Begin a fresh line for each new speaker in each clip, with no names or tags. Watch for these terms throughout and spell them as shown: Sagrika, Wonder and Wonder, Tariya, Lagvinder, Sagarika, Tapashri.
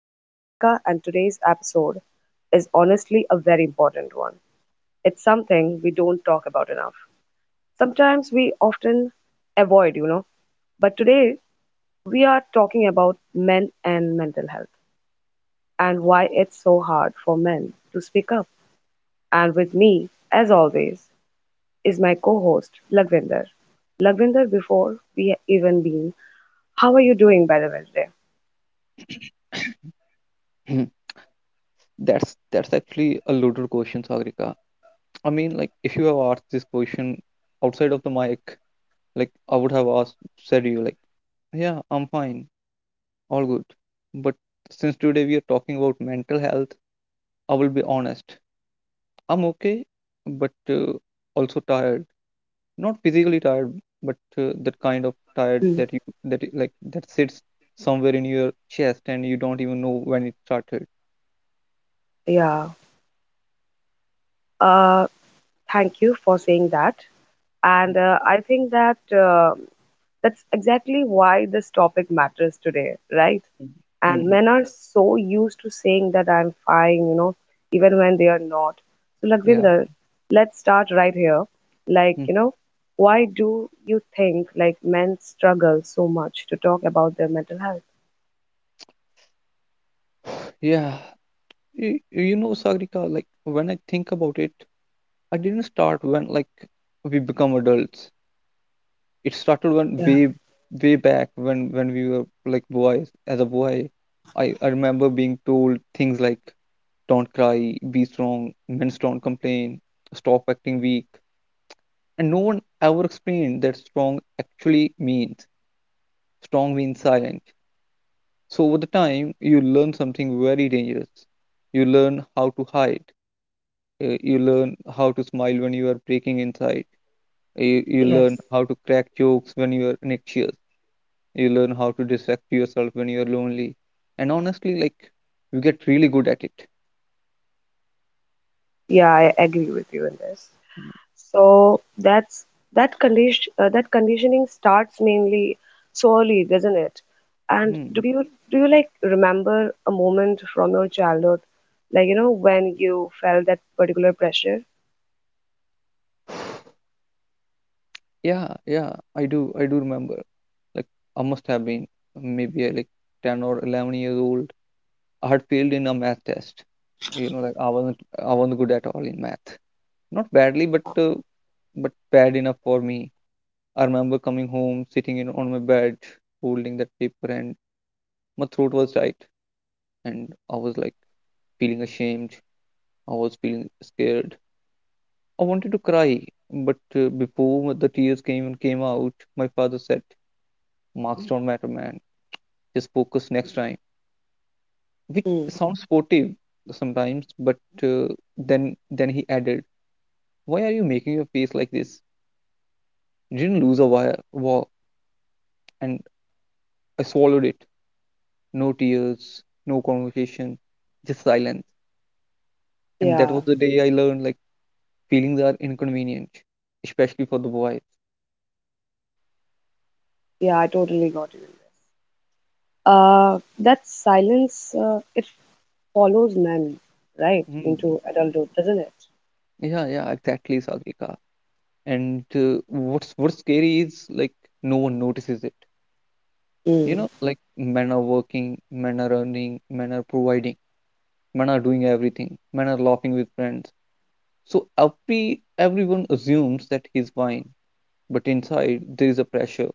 I'm Sagarika, and today's episode is honestly a very important one. It's something we don't talk about enough. Sometimes we often avoid, but today we are talking about men and mental health and why it's so hard for men to speak up. And with me, as always, is my co host Lagvinder. Lagvinder, before we even been, how are you doing by the way today?
That's actually a loaded question, Sagrika. I mean, like if you have asked this question outside of the mic, like I would have asked said you like, yeah, I'm fine, all good. But since today we are talking about mental health, I will be honest. I'm okay, but also tired. Not physically tired, but that kind of tired
Hmm.
that you like that sits somewhere in your chest and you don't even know when it started.
Yeah. Uh, Thank you for saying that. And
Mm,
I think that that's exactly why this topic matters today, right?
mm,
And
mm,
men are so used to saying that I'm fine, even when they are not. So,
Yeah.
Lagvinder,
Mm-hmm.
let's start right here. Like, why do you think like men struggle so much to talk about their mental health?
Yeah, you know, Sagrika, like when I think about it, I didn't start when like we become adults. It started when
Yeah.
way way back when we were like boys. As a boy, I remember being told things like, "Don't cry, be strong, men don't complain, stop acting weak," and no one ever explained that strong actually means. Strong means silent. So over the time, you learn something very dangerous. You learn how to hide. You learn how to smile when you are breaking inside. You learn
Yes.
how to crack jokes when you are anxious. You learn how to distract yourself when you are lonely. And honestly, like you get really good at it.
Yeah, I agree with you in this. So that's that condition that conditioning starts mainly so early, doesn't it? And
Hmm.
do you like remember a moment from your childhood, like when you felt that particular pressure?
Yeah, yeah, I do. I do remember. Like I must have been maybe like 10 or 11 years old. I had failed in a math test. You know, like I wasn't good at all in math. Not badly, but bad enough for me. I remember coming home, sitting in on my bed, holding that paper, and my throat was tight, and I was like feeling ashamed. I was feeling scared. I wanted to cry, but before the tears came and came out, my father said, "Marks don't matter, man. Just focus next time." Which
Hmm.
sounds sportive sometimes, but uh, then he added, "Why are you making your face like this? You didn't lose a wire war." And I swallowed it. No tears, no conversation, just silence. And that
Yeah,
was the day I learned like feelings are inconvenient, especially for the boys.
yeah, I totally got you. That silence, it follows men, right,
Mm.
into adulthood, doesn't it?
Yeah, yeah, exactly, Sagrika. And what's scary is like no one notices it.
Hmm.
You know, like men are working, men are earning, men are providing, men are doing everything, men are laughing with friends. So everyone assumes that he's fine, but inside there is a pressure,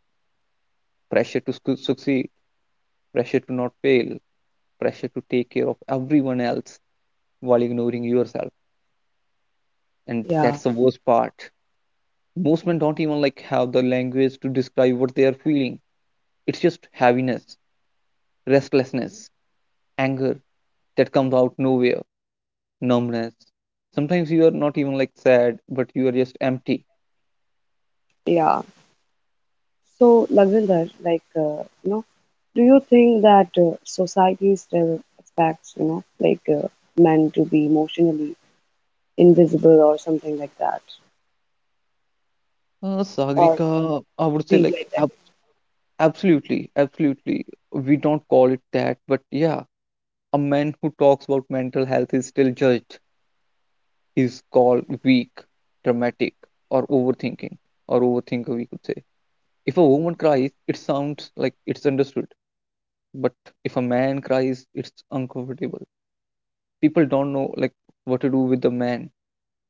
pressure to succeed, pressure to not fail, pressure to take care of everyone else while ignoring yourself. And
Yeah,
that's the worst part. Most men don't even like have the language to describe what they are feeling. It's just heaviness, restlessness, anger that comes out nowhere, numbness. Sometimes you are not even like sad but you are just empty.
yeah. So, Lavinder, like, do you think that society still expects, like men to be emotionally invisible or something like that, or
Sagrika, I would say
things
like
like that?
absolutely, absolutely. We don't call it that but yeah, a man who talks about mental health is still judged. He's called weak, dramatic, or overthinking, or overthinker we could say. If a woman cries it sounds like it's understood, but if a man cries it's uncomfortable. People don't know like what to do with the man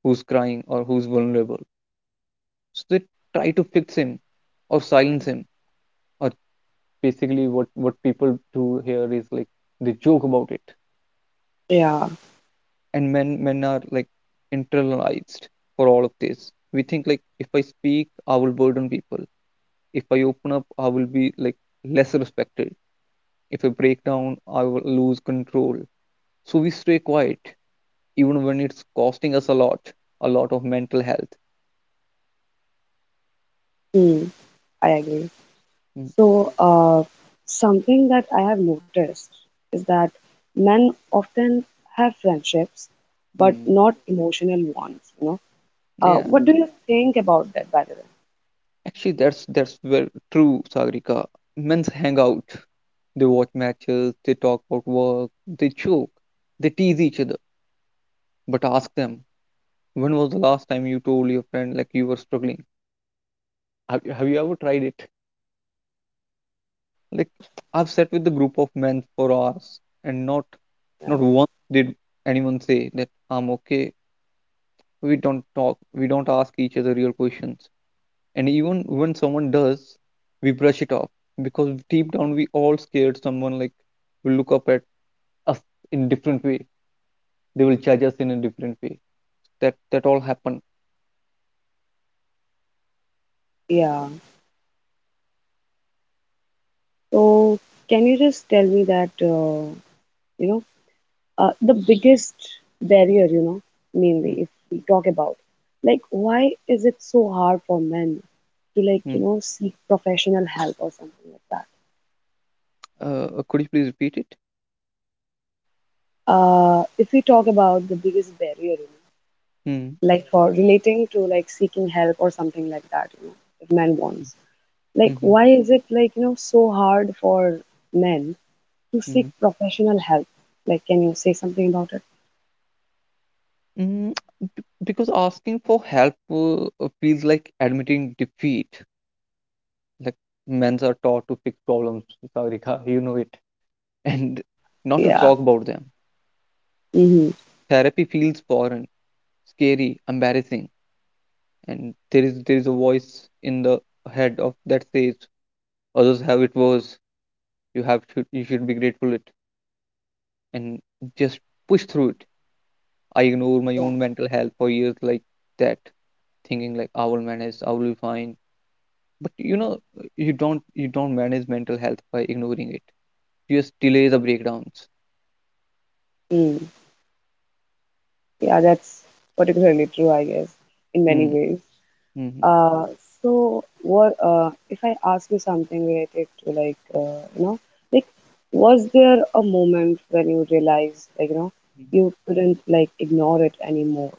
who's crying or who's vulnerable. So they try to fix him or silence him, or basically what people do here is like they joke about it.
Yeah,
And men are like internalized for all of this. We think like if I speak I will burden people, if I open up I will be like less respected, if I break down I will lose control. So we stay quiet, even when it's costing us a lot of mental health.
hmm, I agree.
Mm,
So, something that I have noticed is that men often have friendships, but
mm.
not emotional ones. Uh,
Yeah,
what do you think about that, by the way?
actually, that's very true, Sagrika. Men's hang out. They watch matches, they talk about work, they joke, they tease each other. But ask them, when was the last time you told your friend like you were struggling? Have have you ever tried it? Like, I've sat with a group of men for hours, and
Yeah.
not once did anyone say that I'm okay. We don't talk, we don't ask each other real questions. And even when someone does, we brush it off, because deep down we all scared someone like will look up at us in different way, they will judge us in a different way. That all happen.
Yeah. So, can you just tell me that, you know, the biggest barrier, mainly
Mhm,
if we talk about, like, why is it so hard for men to, like,
mm.
seek professional help or something like that?
Could you please repeat it?
If we talk about the biggest barrier,
Mm.
like for relating to like seeking help or something like that, if men wants, like,
Mm-hmm.
why is it like, so hard for men to
Mm-hmm.
seek professional help? Like, can you say something about it?
Mm. Because asking for help feels like admitting defeat. Like men are taught to fix problems, Sagarika, you know it. And not to
Yeah.
talk about them.
Mm-hmm.
Therapy feels foreign, scary, embarrassing, and there is a voice in the head of that says others have it worse. You have should you should be grateful it and just push through it. I ignore my
Yeah.
own mental health for years like that, thinking like I will manage, I will be fine. But you know you don't manage mental health by ignoring it. You just delay the breakdowns.
Mm. Yeah, that's particularly true, I guess, in many
Mm,
ways.
hmm
Uh, so what if I ask you something related to like like was there a moment when you realized like you couldn't like ignore it anymore?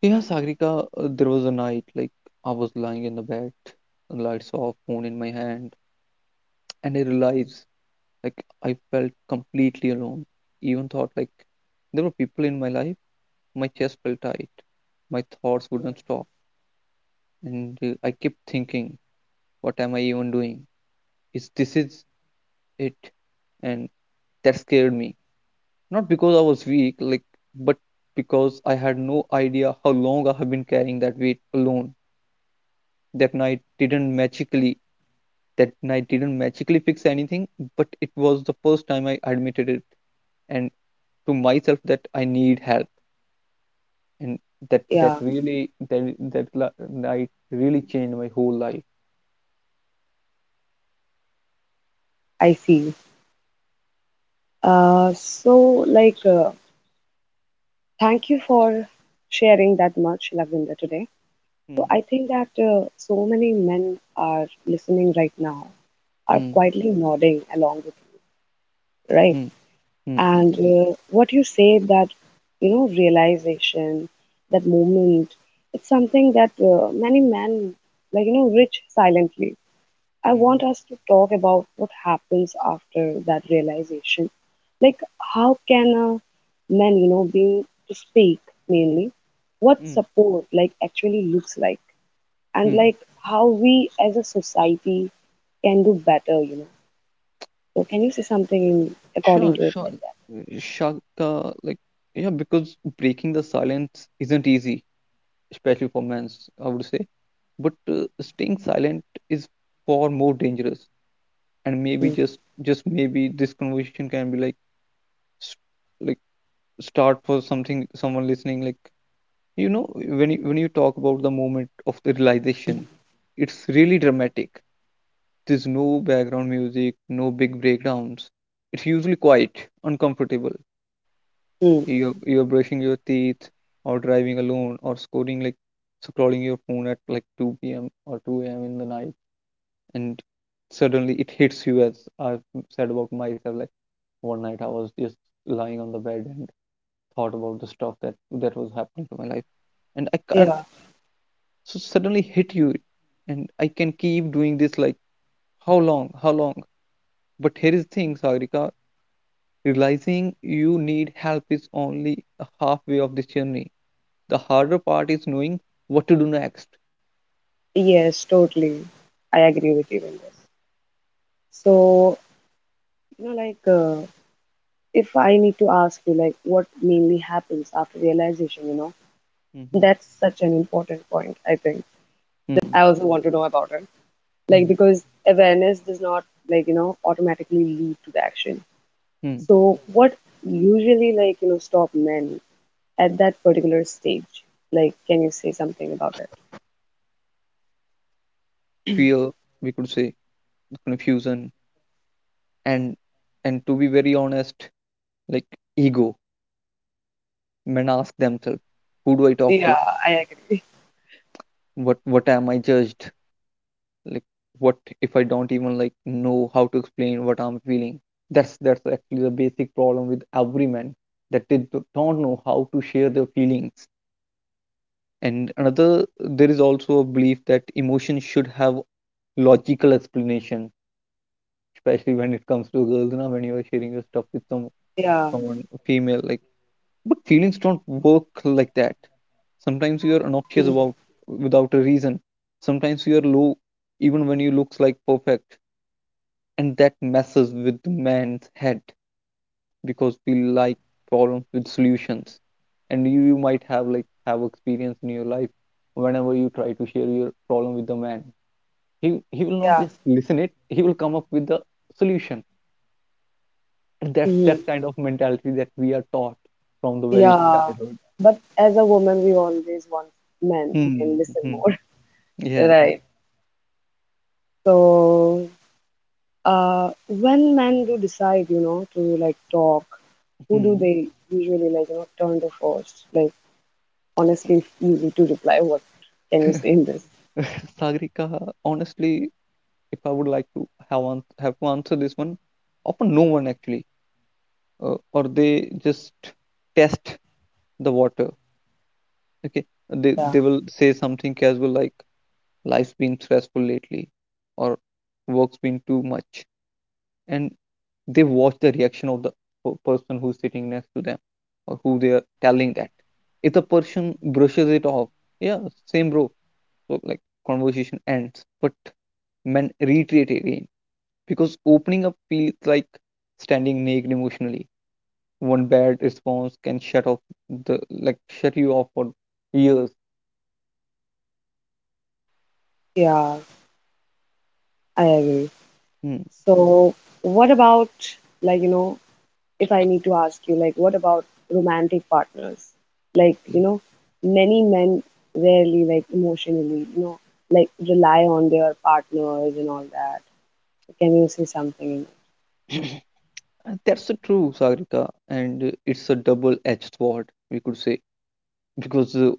Yeah, Sagrika, there was a night like I was lying in the bed, lights off, phone in my hand, and I realized like I felt completely alone. Even thought like there were people in my life, my chest felt tight, my thoughts wouldn't stop, and I kept thinking, what am I even doing? Is this is it? And that scared me. Not because I was weak, like, but because I had no idea how long I have been carrying that weight alone. That night didn't magically that night didn't magically fix anything, but it was the first time I admitted it and to myself that I need help, and that that
Yeah,
really that that night really changed my whole life.
I see. So like thank you for sharing that much, Lavender, today. So
Mm,
I think that so many men are listening right now, are
mm,
quietly nodding along with right?
mm, mm, mm,
And what you say that, realization, that moment, it's something that many men, like, reach silently. I
mm,
want us to talk about what happens after that realization. Like, how can a man, being to speak mainly, what
mm,
support, like, actually looks like, and
mm.
like how we as a society can do better. So, can you say something in, according
Sure,
to it
sure.
like
Shaka, like yeah, because breaking the silence isn't easy, especially for men, I would say. But staying silent is far more dangerous, and
that?
maybe
Mm.
just maybe this conversation can be like s- like start for something someone listening. Like you know when you talk about the moment of the realization, it's really dramatic. There's no background music, no big breakdowns. It's usually quite uncomfortable.
Hmm.
You're brushing your teeth, or driving alone, or scoring like scrolling your phone at like 2 p.m. or 2 a.m. in the night, and suddenly it hits you as I've said about myself. Like one night I was just lying on the bed and thought about the stuff that was happening to my life, and I can't.
Yeah.
So suddenly hit you, and I can keep doing this like how long, how long? But here is the thing, Sagrika, realizing you need help is only a halfway of this journey. The harder part is knowing what to do next.
Yes, totally. I agree with you in this. So, like, if I need to ask you, like, what mainly happens after realization,
Mm-hmm.
that's such an important point, I think, that I also want to know about it. Like,
Mm-hmm.
because awareness does not, like, automatically lead to the action.
Mm-hmm.
So, what usually, like, stop men at that particular stage? Like, can you say something about it?
Fear, we could say, confusion, and and to be very honest like ego. Men ask themselves, who do I talk to,
Yeah, I agree.
what am I judged, like what if I don't even like know how to explain what I'm feeling? That's actually the basic problem with every man, that they not know how to share their feelings. And another there is also a belief that emotion should have logical explanation, especially when it comes to girls, now when you are sharing your stuff with
Yeah.
someone female like. But feelings don't work like that. Sometimes you are obnoxious
Mm.
about without a reason. Sometimes you are low even when you looks like perfect. And that messes with the man's head because we like problems with solutions. And you might have like have experience in your life whenever you try to share your problem with the man. He will not just listen it, he will come up with the solution. And that's
Yeah.
that kind of mentality that we are taught from the very
Yeah,
childhood.
but as a woman, we always want men who
Hmm.
can listen
Hmm, hmm.
more,
Yeah, yeah.
right? So, when men do decide, to like talk, who do
Hmm.
they usually like, turn to first? Like, honestly, it's easy to reply. What can you say in this?
Sagrika, honestly, if I would like to have have to answer this one, often no one actually, or they just test the water. Okay,
Yeah,
they will say something casual like life's been stressful lately, or work's been too much, and they watch the reaction of the person who's sitting next to them, or who they are telling that. If the person brushes it off, yeah, same bro, so like conversation ends. But men reiterate again because opening up feels like standing naked emotionally. One bad response can shut off the like shut you off for years.
yeah, I agree.
Hmm.
So, what about like, if I need to ask you, like, what about romantic partners? Like, many men rarely, like, emotionally, like, rely on their partners and all that. Can you say something?
And that's the true, Sagrika. And it's a double-edged sword we could say, because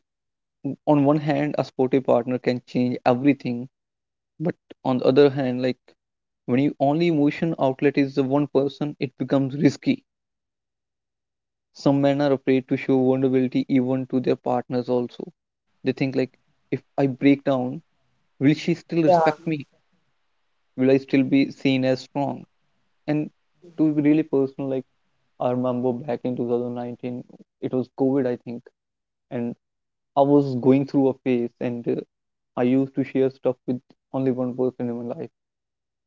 on one hand a sporty partner can change everything, but on the other hand like when your only emotion outlet is the one person it becomes risky. Some men are afraid to show vulnerability even to their partners also. They think like, if I break down, will she still
Yeah,
respect me? Will I still be seen as strong? And to be really personal, like, I remember back in 2019, it was COVID, I think, and I was going through a phase, and I used to share stuff with only one person in my life,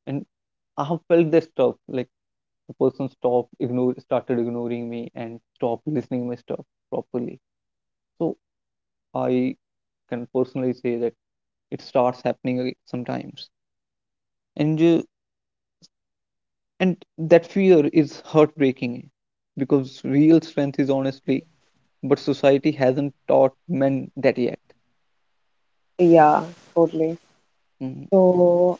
and I have felt that stuff. Like, the person stopped, ignore, started ignoring me, and stopped listening my stuff properly. So I can personally say that it starts happening ag- sometimes, and you, and that fear is heartbreaking because real strength is honestly, but society hasn't taught men that yet.
yeah, totally.
hmm
So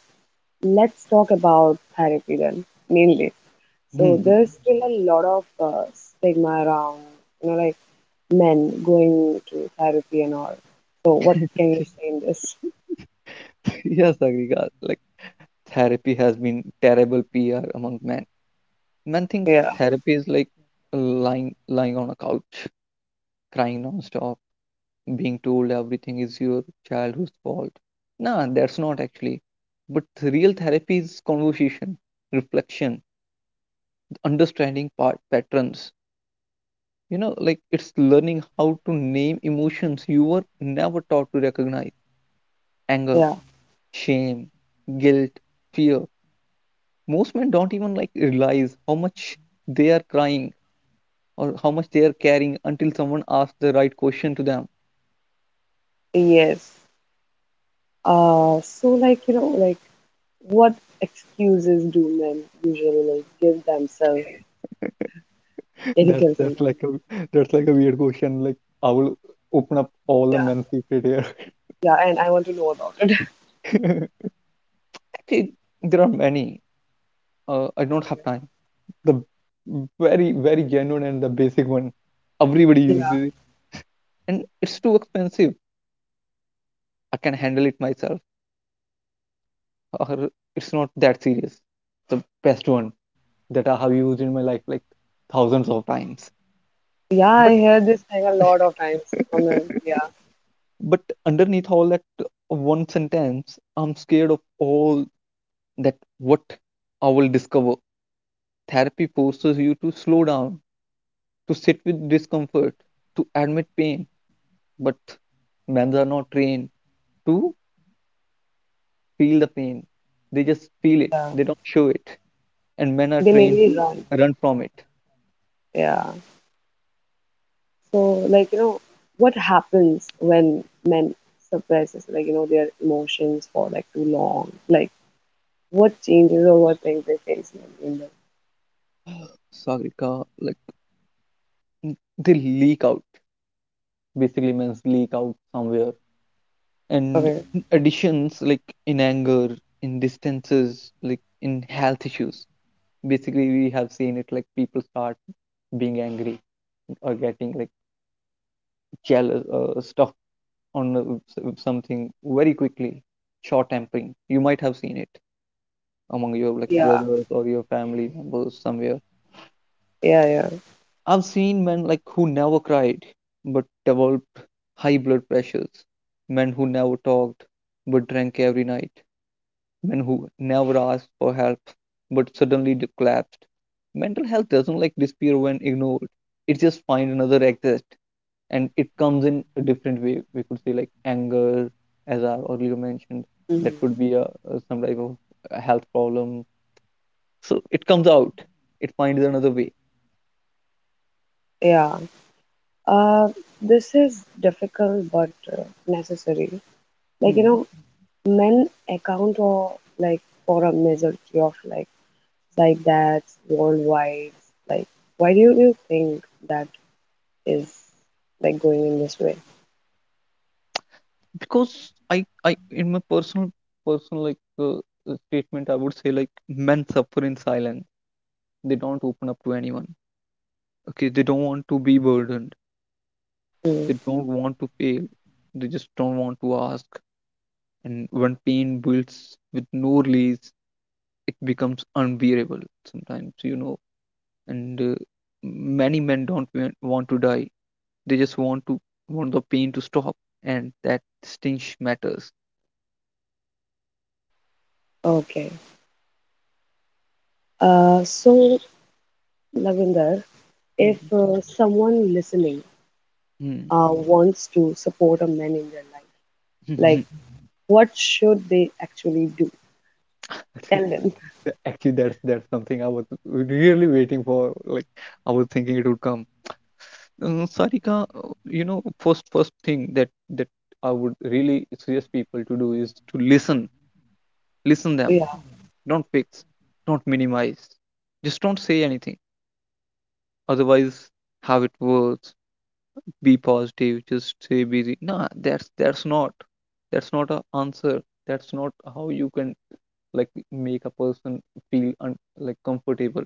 let's talk about therapy then, mainly. So there's still a lot of stigma around, like men going to therapy and all. So what can you say in this?
yes, Agrika. Like, therapy has been terrible PR among men. Men think
Yeah,
therapy is like lying on a couch, crying nonstop, being told everything is your child whose fault. Nah, that's not actually. But the real therapy is conversation, reflection, understanding part patterns. You know, like, it's learning how to name emotions you were never taught to recognize. Anger,
yeah,
shame, guilt, fear. Most men don't even like realize how much they are crying or how much they are caring until someone asks the right question to them.
yes. So like, like what excuses do men usually like give themselves if you
That's
kill
that's
something?
like a that's like a weird question. Like, I will open up all the
Yeah,
men's secret here.
yeah, and I want to know about it.
Actually, there are many. I don't have time. The very very genuine and the basic one. Everybody
Yeah,
uses it, and it's too expensive. I can handle it myself. Or it's not that serious. The best one that I have used in my life like thousands of times.
yeah, I
But
hear this thing a lot of times from them. Yeah,
but underneath all that one sentence, I'm scared of all that what I will discover. Therapy forces you to slow down, to sit with discomfort, to admit pain. But men are not trained to feel the pain. They just feel it.
yeah,
They don't show it. And men are
they make
trained
me
to
run.
run from it.
Yeah, so like what happens when men suppresses like their emotions for like too long? Like what changes or what things they face in them?
Sagrika, like, they leak out. Basically, men leak out somewhere. And
Okay.
in additions, like in anger, in distances, like in health issues. Basically, we have seen it like people start being angry or getting like jealous stuff on something very quickly, short tempering. You might have seen it among your like
Yeah.
brothers or your family members somewhere.
Yeah, yeah.
I've seen men like who never cried but developed high blood pressures, men who never talked but drank every night, men who never asked for help but suddenly de- collapsed. Mental health doesn't like disappear when ignored. It just find another exit, and it comes in a different way. We could say like anger, as I earlier mentioned,
Hmm.
that could be a some type of a health problem. So it comes out, it finds another way.
Yeah. Uh, this is difficult but necessary. Like
hmm.
men account for like for a majority of like that worldwide. Like, why do you think that is like going in this way?
Because I in my personal like statement I would say like men suffer in silence. They don't open up to anyone. Okay, they don't want to be burdened,
Hmm.
they don't want to fail, they just don't want to ask. And when pain builds with no release, it becomes unbearable sometimes, you know. And many men don't wa- want to die; they just want to want the pain to stop, and that stinch matters.
Okay. So Lavinder, if
Hmm.
someone listening
Hmm.
wants to support a man in their life, like what should they actually do? Tell them.
Actually, that's something I was really waiting for. Like, I was thinking it would come. Sarika, you know, first thing that I would really suggest people to do is to listen, listen them.
Yeah,
Don't fix, don't minimize. Just don't say anything. Otherwise, how it works, be positive, just stay busy, nah, that's not, that's not a answer. That's not how you can like make a person feel un- like comfortable.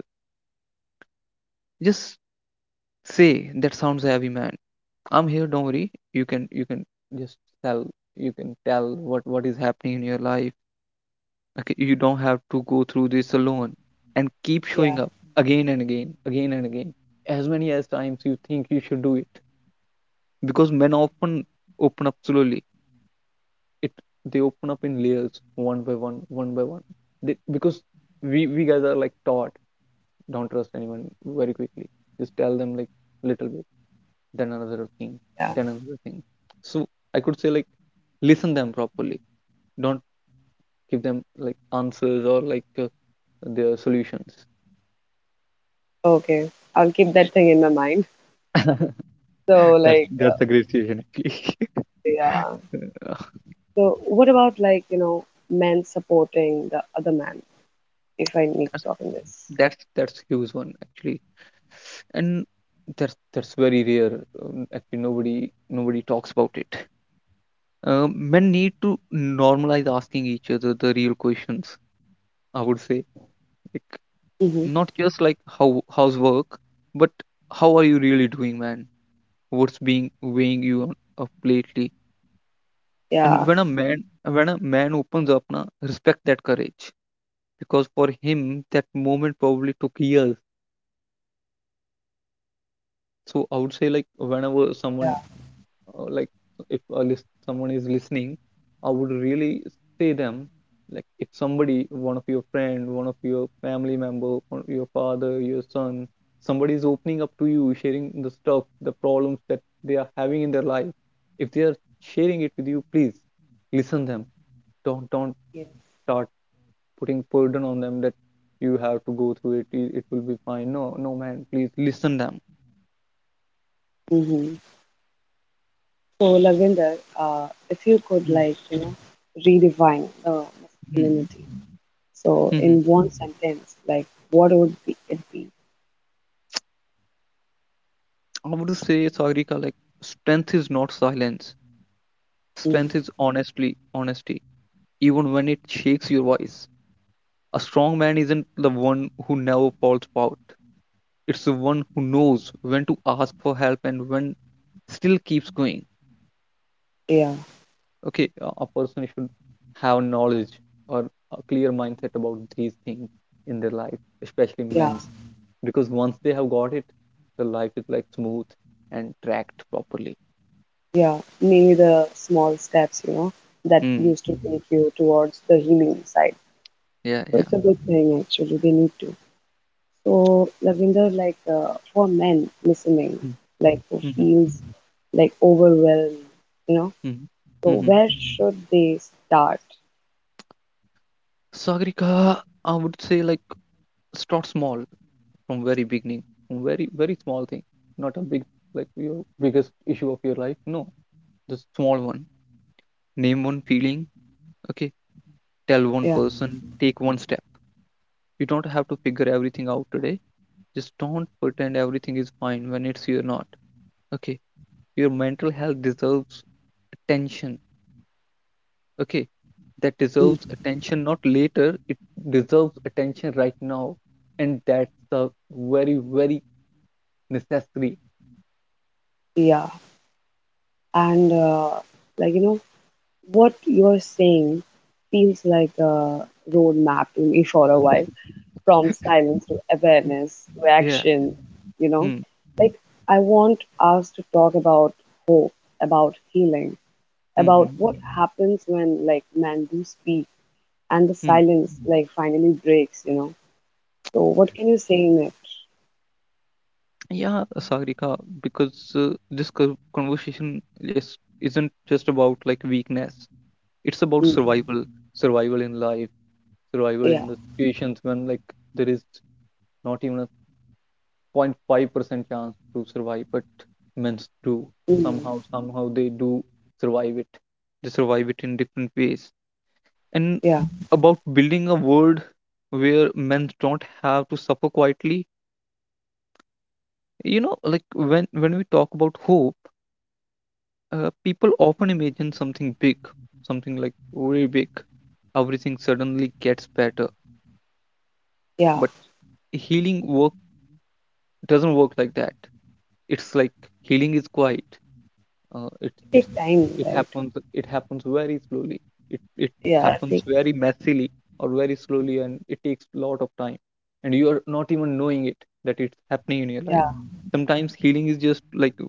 Just say that sounds heavy, man. I'm here, don't worry, you can just tell, you can tell what is happening in your life. Okay, you don't have to go through this alone, and keep showing
yeah,
up again and again, again and again, as many as times you think you should do it, because men often open up slowly. It, they open up in layers, one by one, one by one. They, because we guys are like taught don't trust anyone very quickly. Just tell them like little bit, then another thing,
yeah.
then another thing. So I could say like, listen them properly. Don't give them like answers or like their solutions.
Okay, I'll keep that thing in my mind. So,
That's
like,
a great suggestion actually.
yeah.
Uh,
So, what about like, men supporting the other man? If I need to
that's
talk in this.
huge one actually. And that's very rare. Actually, nobody talks about it. Men need to normalize asking each other the real questions. I would say, like,
Mm-hmm.
not just like how how's work, but how are you really doing, man? What's being weighing you on- up lately?
Yeah.
And when a man, opens up, na, respect that courage because for him that moment probably took years. So I would say like whenever someone like, if a list, someone is listening, I would really say them, like, if somebody, one of your friend, one of your family member, one of your father, your son, somebody is opening up to you, sharing the stuff, the problems that they are having in their life, if they are sharing it with you, please listen them. Don't
Yes.
start putting burden on them that you have to go through it, it will be fine. No, no, man, please listen them.
Mm-hmm. So, Lavinder, if you could like, redefine the
Mm-hmm.
masculinity. So,
Mm-hmm.
in one sentence, like, what would be it be?
I would say, Sagrika, like, strength is not silence.
Mm.
Strength is honestly honesty, even when it shakes your voice. A strong man isn't the one who never falls out. It's the one who knows when to ask for help and when still keeps going.
Yeah,
Okay, a person should have knowledge or a clear mindset about these things in their life, especially
yeah,
men's, because once they have got it, the life is like smooth and tracked properly.
yeah. Maybe the small steps, that
Hmm.
used to take you towards the healing side.
Yeah.
So it's a good thing actually. They need to. So Lavinder, like for men listening, like who
Yeah.
feels like overwhelmed, you know.
Mhm.
So
Mhm.
where should they start?
Sagrika, I would say like, start small, from very beginning, from very very small thing, not a big like your biggest issue of your life. No, just small one. Name one feeling. Okay, tell one
Yeah,
person. Take one step. You don't have to figure everything out today. Just don't pretend everything is fine when it's you're not. Okay, your mental health deserves attention, okay, that
mm,
deserves attention, not later, it deserves attention right now, and that's a very very necessary.
yeah. And like what you're saying feels like a roadmap to me for a while, from silence to
Y-
awareness to
yeah.
action. You know,
hmm.
like I want us to talk about hope, about healing
Hmm.
about
Hmm.
what happens when like men do speak and the
hmm.
silence like finally breaks. So what can you say in it?
Yeah, Sagrika, because this co- conversation just isn't just about like weakness, it's about
Mm.
survival. Survival in life, survival in
Yeah.
the situations when like there is not even 0.5% chance to survive, but men do,
Mm.
somehow, somehow they do survive it. They survive it in different ways. And
Yeah.
about building a world where men don't have to suffer quietly. You know, like, when we talk about hope, people often imagine something big, something like very big. Everything suddenly gets better,
Yeah.
but healing work doesn't work like that. It's like, healing is quiet. It
Take time, right?
happens, it happens very slowly. It
Yeah.
happens
Take time.
very messily or very slowly, and it takes a lot of time. And you are not even knowing it that it's happening in your life.
Yeah.
Sometimes healing is just like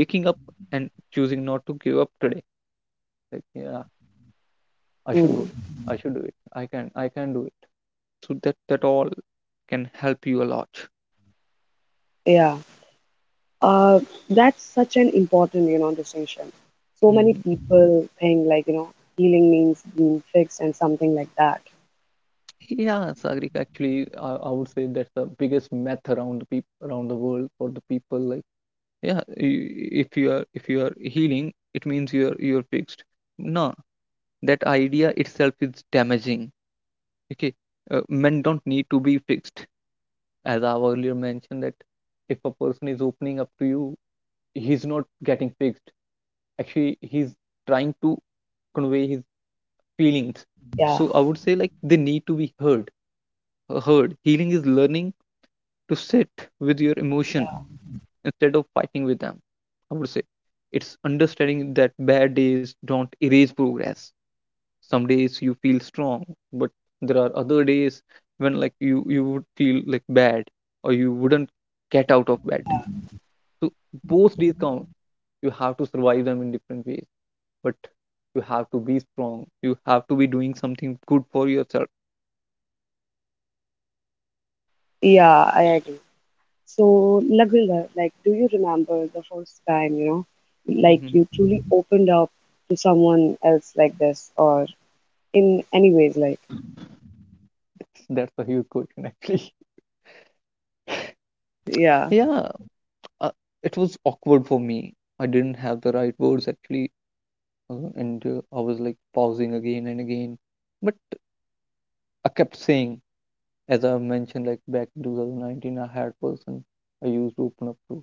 waking up and choosing not to give up today. Like, yeah, I should go
Mm.
it. I should do it. I can, I can do it. So that all can help you a lot.
Yeah. Uh, that's such an important, distinction. So many
Mhm.
people think like, healing means being fixed and something like that.
Yeah, Sagrik, actually, I would say that's the biggest myth around the peop around the world for the people. Like, yeah, I- if you are, healing, it means you're fixed. No, that idea itself is damaging. Okay, men don't need to be fixed. As I earlier mentioned that if a person is opening up to you, he's not getting fixed, actually he's trying to convey his feelings.
Yeah.
So I would say like they need to be heard. Healing is learning to sit with your
Yeah.
emotion instead of fighting with them. I would say it's understanding that bad days don't erase progress. Some days you feel strong, but there are other days when like you would feel like bad or you wouldn't get out of bed. So both days count. You have to survive them in different ways, but you have to be strong. You have to be doing something good for yourself.
Yeah, I agree. So, Lagvinda, like, do you remember the first time, like
hmm
you truly opened up to someone else like this, or in any ways, like,
That's, a huge question, actually.
yeah,
Yeah, uh, it was awkward for me. I didn't have the right words actually. And I was like pausing again and again. But I kept saying, as I mentioned, like back in 2019, I had person I used to open up to,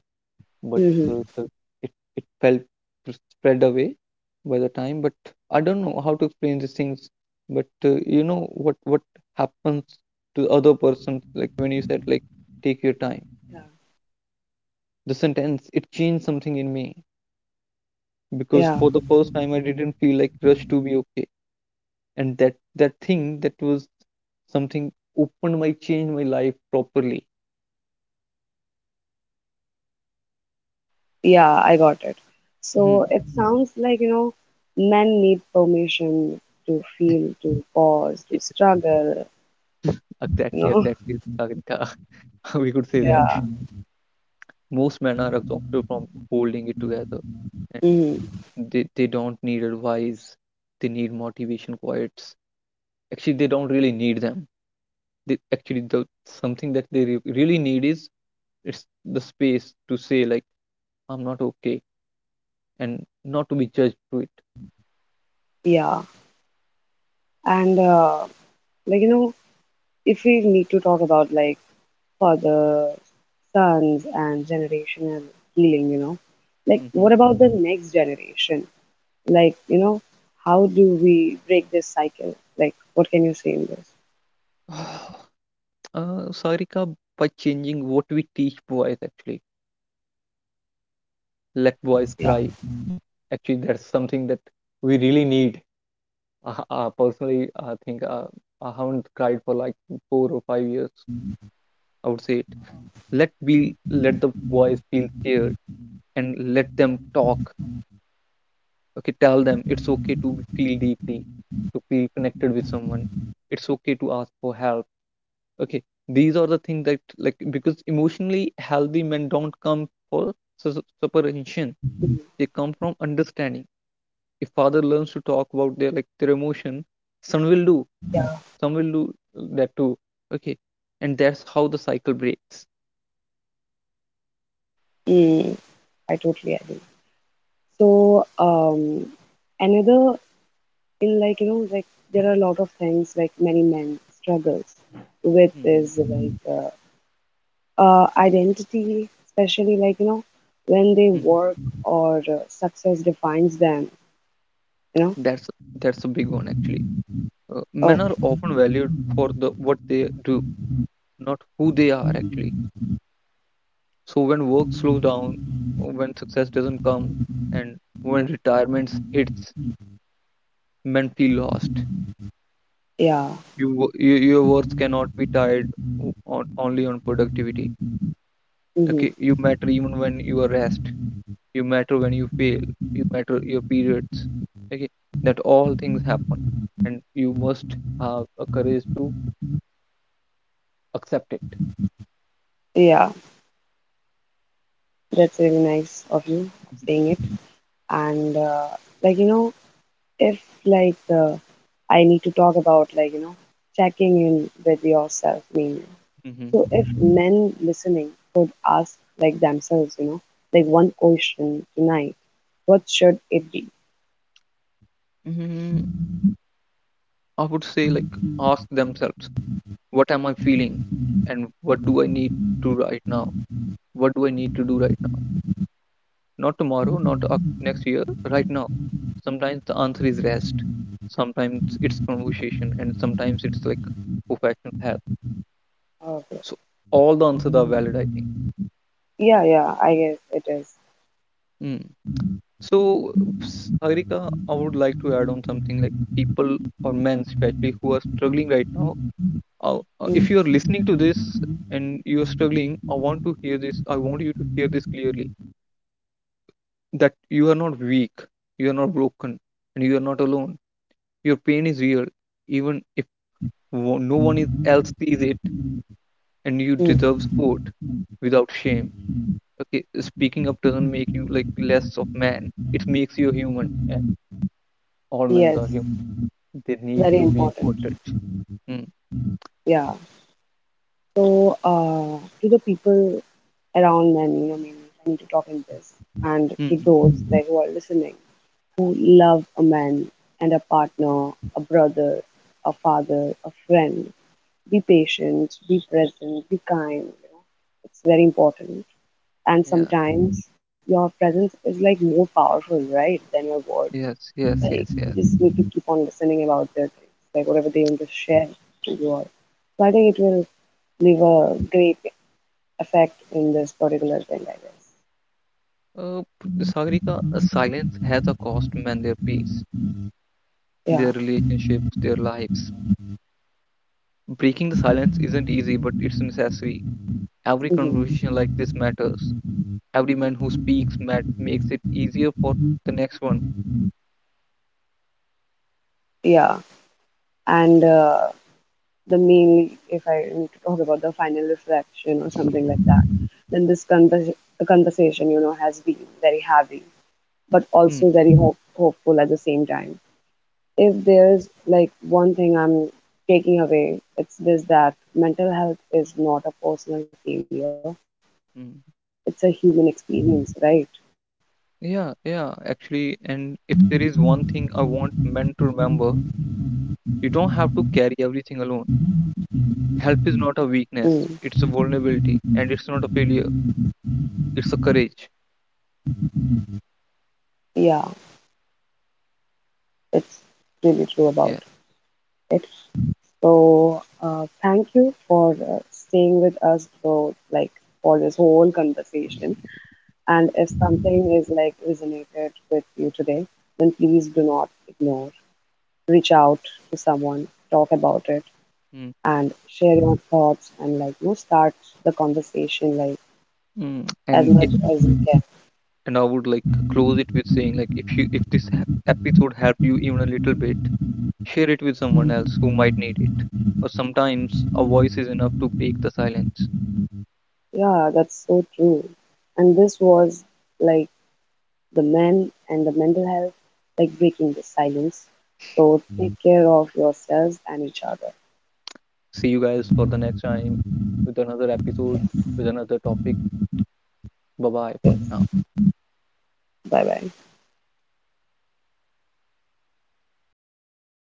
but
hmm,
the- it felt pr- spread away by the time. But I don't know how to explain these things. But you know what happens to the other person, like when you said like take your time.
yeah,
The sentence it changed something in me because
yeah,
for the first time I didn't feel like rushed to be okay. And that thing that was something opened my changed my life properly.
yeah, I got it.
Hmm.
So it sounds like, men need permission to feel, to pause, to struggle, you
Exactly,
know,
exactly, Sagrika. We could say that
yeah,
most men are exhausted from holding it together, and
hmm,
they don't need advice, they need motivation quotes. Actually, they don't really need them. They actually the Something that they really need is it's the space to say like I'm not okay and not to be judged to it.
yeah, and like, if we need to talk about like for the sons and generational healing. Like,
Mm-hmm.
what about the next generation? Like, how do we break this cycle? Like, what can you say in this?
Sagrika, by changing what we teach boys, actually, let boys
Yeah.
cry. Actually, that's something that we really need. Personally, I think I haven't cried for like 4 or 5 years, I would say it. Let be, let the boys feel scared and let them talk. Okay, tell them it's okay to feel deeply, to feel connected with someone. It's okay to ask for help. Okay, these are the things that, like, because emotionally healthy men don't come for supervision,
Mm.
they come from understanding. If father learns to talk about their like their emotion, son will do, some will do that too. Okay, and that's how the cycle breaks.
Mm, I totally agree. So, another in like, like there are a lot of things like many men struggles with
Hmm.
is like identity, especially like, when they
Hmm.
work or success defines them, you know
that's that's a big one, actually. uh, Men
Oh,
are often valued for the what they do, not who they are, actually. So when work slows down, when success doesn't come, and when retirement hits, men feel lost.
yeah.
You your worth cannot be tied on only on productivity.
Hmm.
Okay, you matter even when you are rest. You matter when you fail. You matter your periods. Okay, that all things happen, and you must have a courage to accept it.
Yeah, that's really nice of you
Mhm.
saying it. And like if like I need to talk about like checking in with yourself mainly.
Mhm.
So if men listening could ask like themselves, like one question tonight, what should it be?
Mhm. I would say like ask themselves, what am I feeling and what do I need to right now, what do I need to do right now, not tomorrow, not next year, right now. Sometimes the answer is rest, sometimes it's conversation, and sometimes it's like professional help.
Oh, okay.
So all the answers are valid, I think.
Yeah, yeah, I guess it is.
Mm. So Sarika, I would like to add on something like people or men especially who are struggling right now. If
Mm,
you are listening to this and you're struggling, I want to hear this, I want you to hear this clearly, that you are not weak, you are not broken, and you are not alone. Your pain is real, even if no else sees it, and you deserve
mm,
support without shame. Okay, speaking up doesn't make you like less of man. It makes you a human, and all men
yes,
are human. They need
very
to be
important.
supported. Mm.
Yeah. So, to the people around them, maybe I need to talk in this. And
Hmm.
to
Hmm.
those like who are listening, who love a man and a partner, a brother, a father, a friend, be patient, be present, be kind. You know? It's very important. And
Yeah.
sometimes your presence is like more powerful, right, than your words.
Yes. Yes.
Like
Yes.
you
Yes.
just need to keep on listening about their things, like whatever they want to share to you all. So I think it will leave a great effect in this particular thing, I guess.
Uh, Sagarika, silence has a cost, man. Their peace, their
Yeah.
relationships, their lives. Breaking the silence isn't easy, but it's necessary. Every
Mhm.
conversation like this matters. Every man who speaks makes it easier for the next one.
Yeah, and the mainly if I need to talk about the final reflection or something like that, then this convers the conversation has been very heavy, but
Hmm.
also very hopeful at the same time. If there's like one thing I'm taking away, it's this that mental health is not a personal failure; it's a
Hmm.
human experience, right?
Yeah, yeah, actually, and if there is one thing I want men to remember, you don't have to carry everything alone. Help is not a weakness,
Mm.
it's a vulnerability, and it's not a failure, it's a courage.
Yeah, it's really true about
Yeah.
it. So thank you for staying with us through like for this whole conversation. And if something is like resonated with you today, then please do not ignore. Reach out to someone, talk about it,
Mm,
and share your thoughts and like start the conversation like
mm. And
as
it,
much as you
and I would like close it with saying like if you if this episode helped you even a little bit, share it with someone
can.
else who might need it. Or sometimes a voice is enough to break the silence.
Yeah, that's so true. And this was like the men and the mental health, like breaking the silence. So take care of yourselves and each other.
See you guys for the next time with another episode, with another topic. Bye bye for
Yes,
now.
bye bye.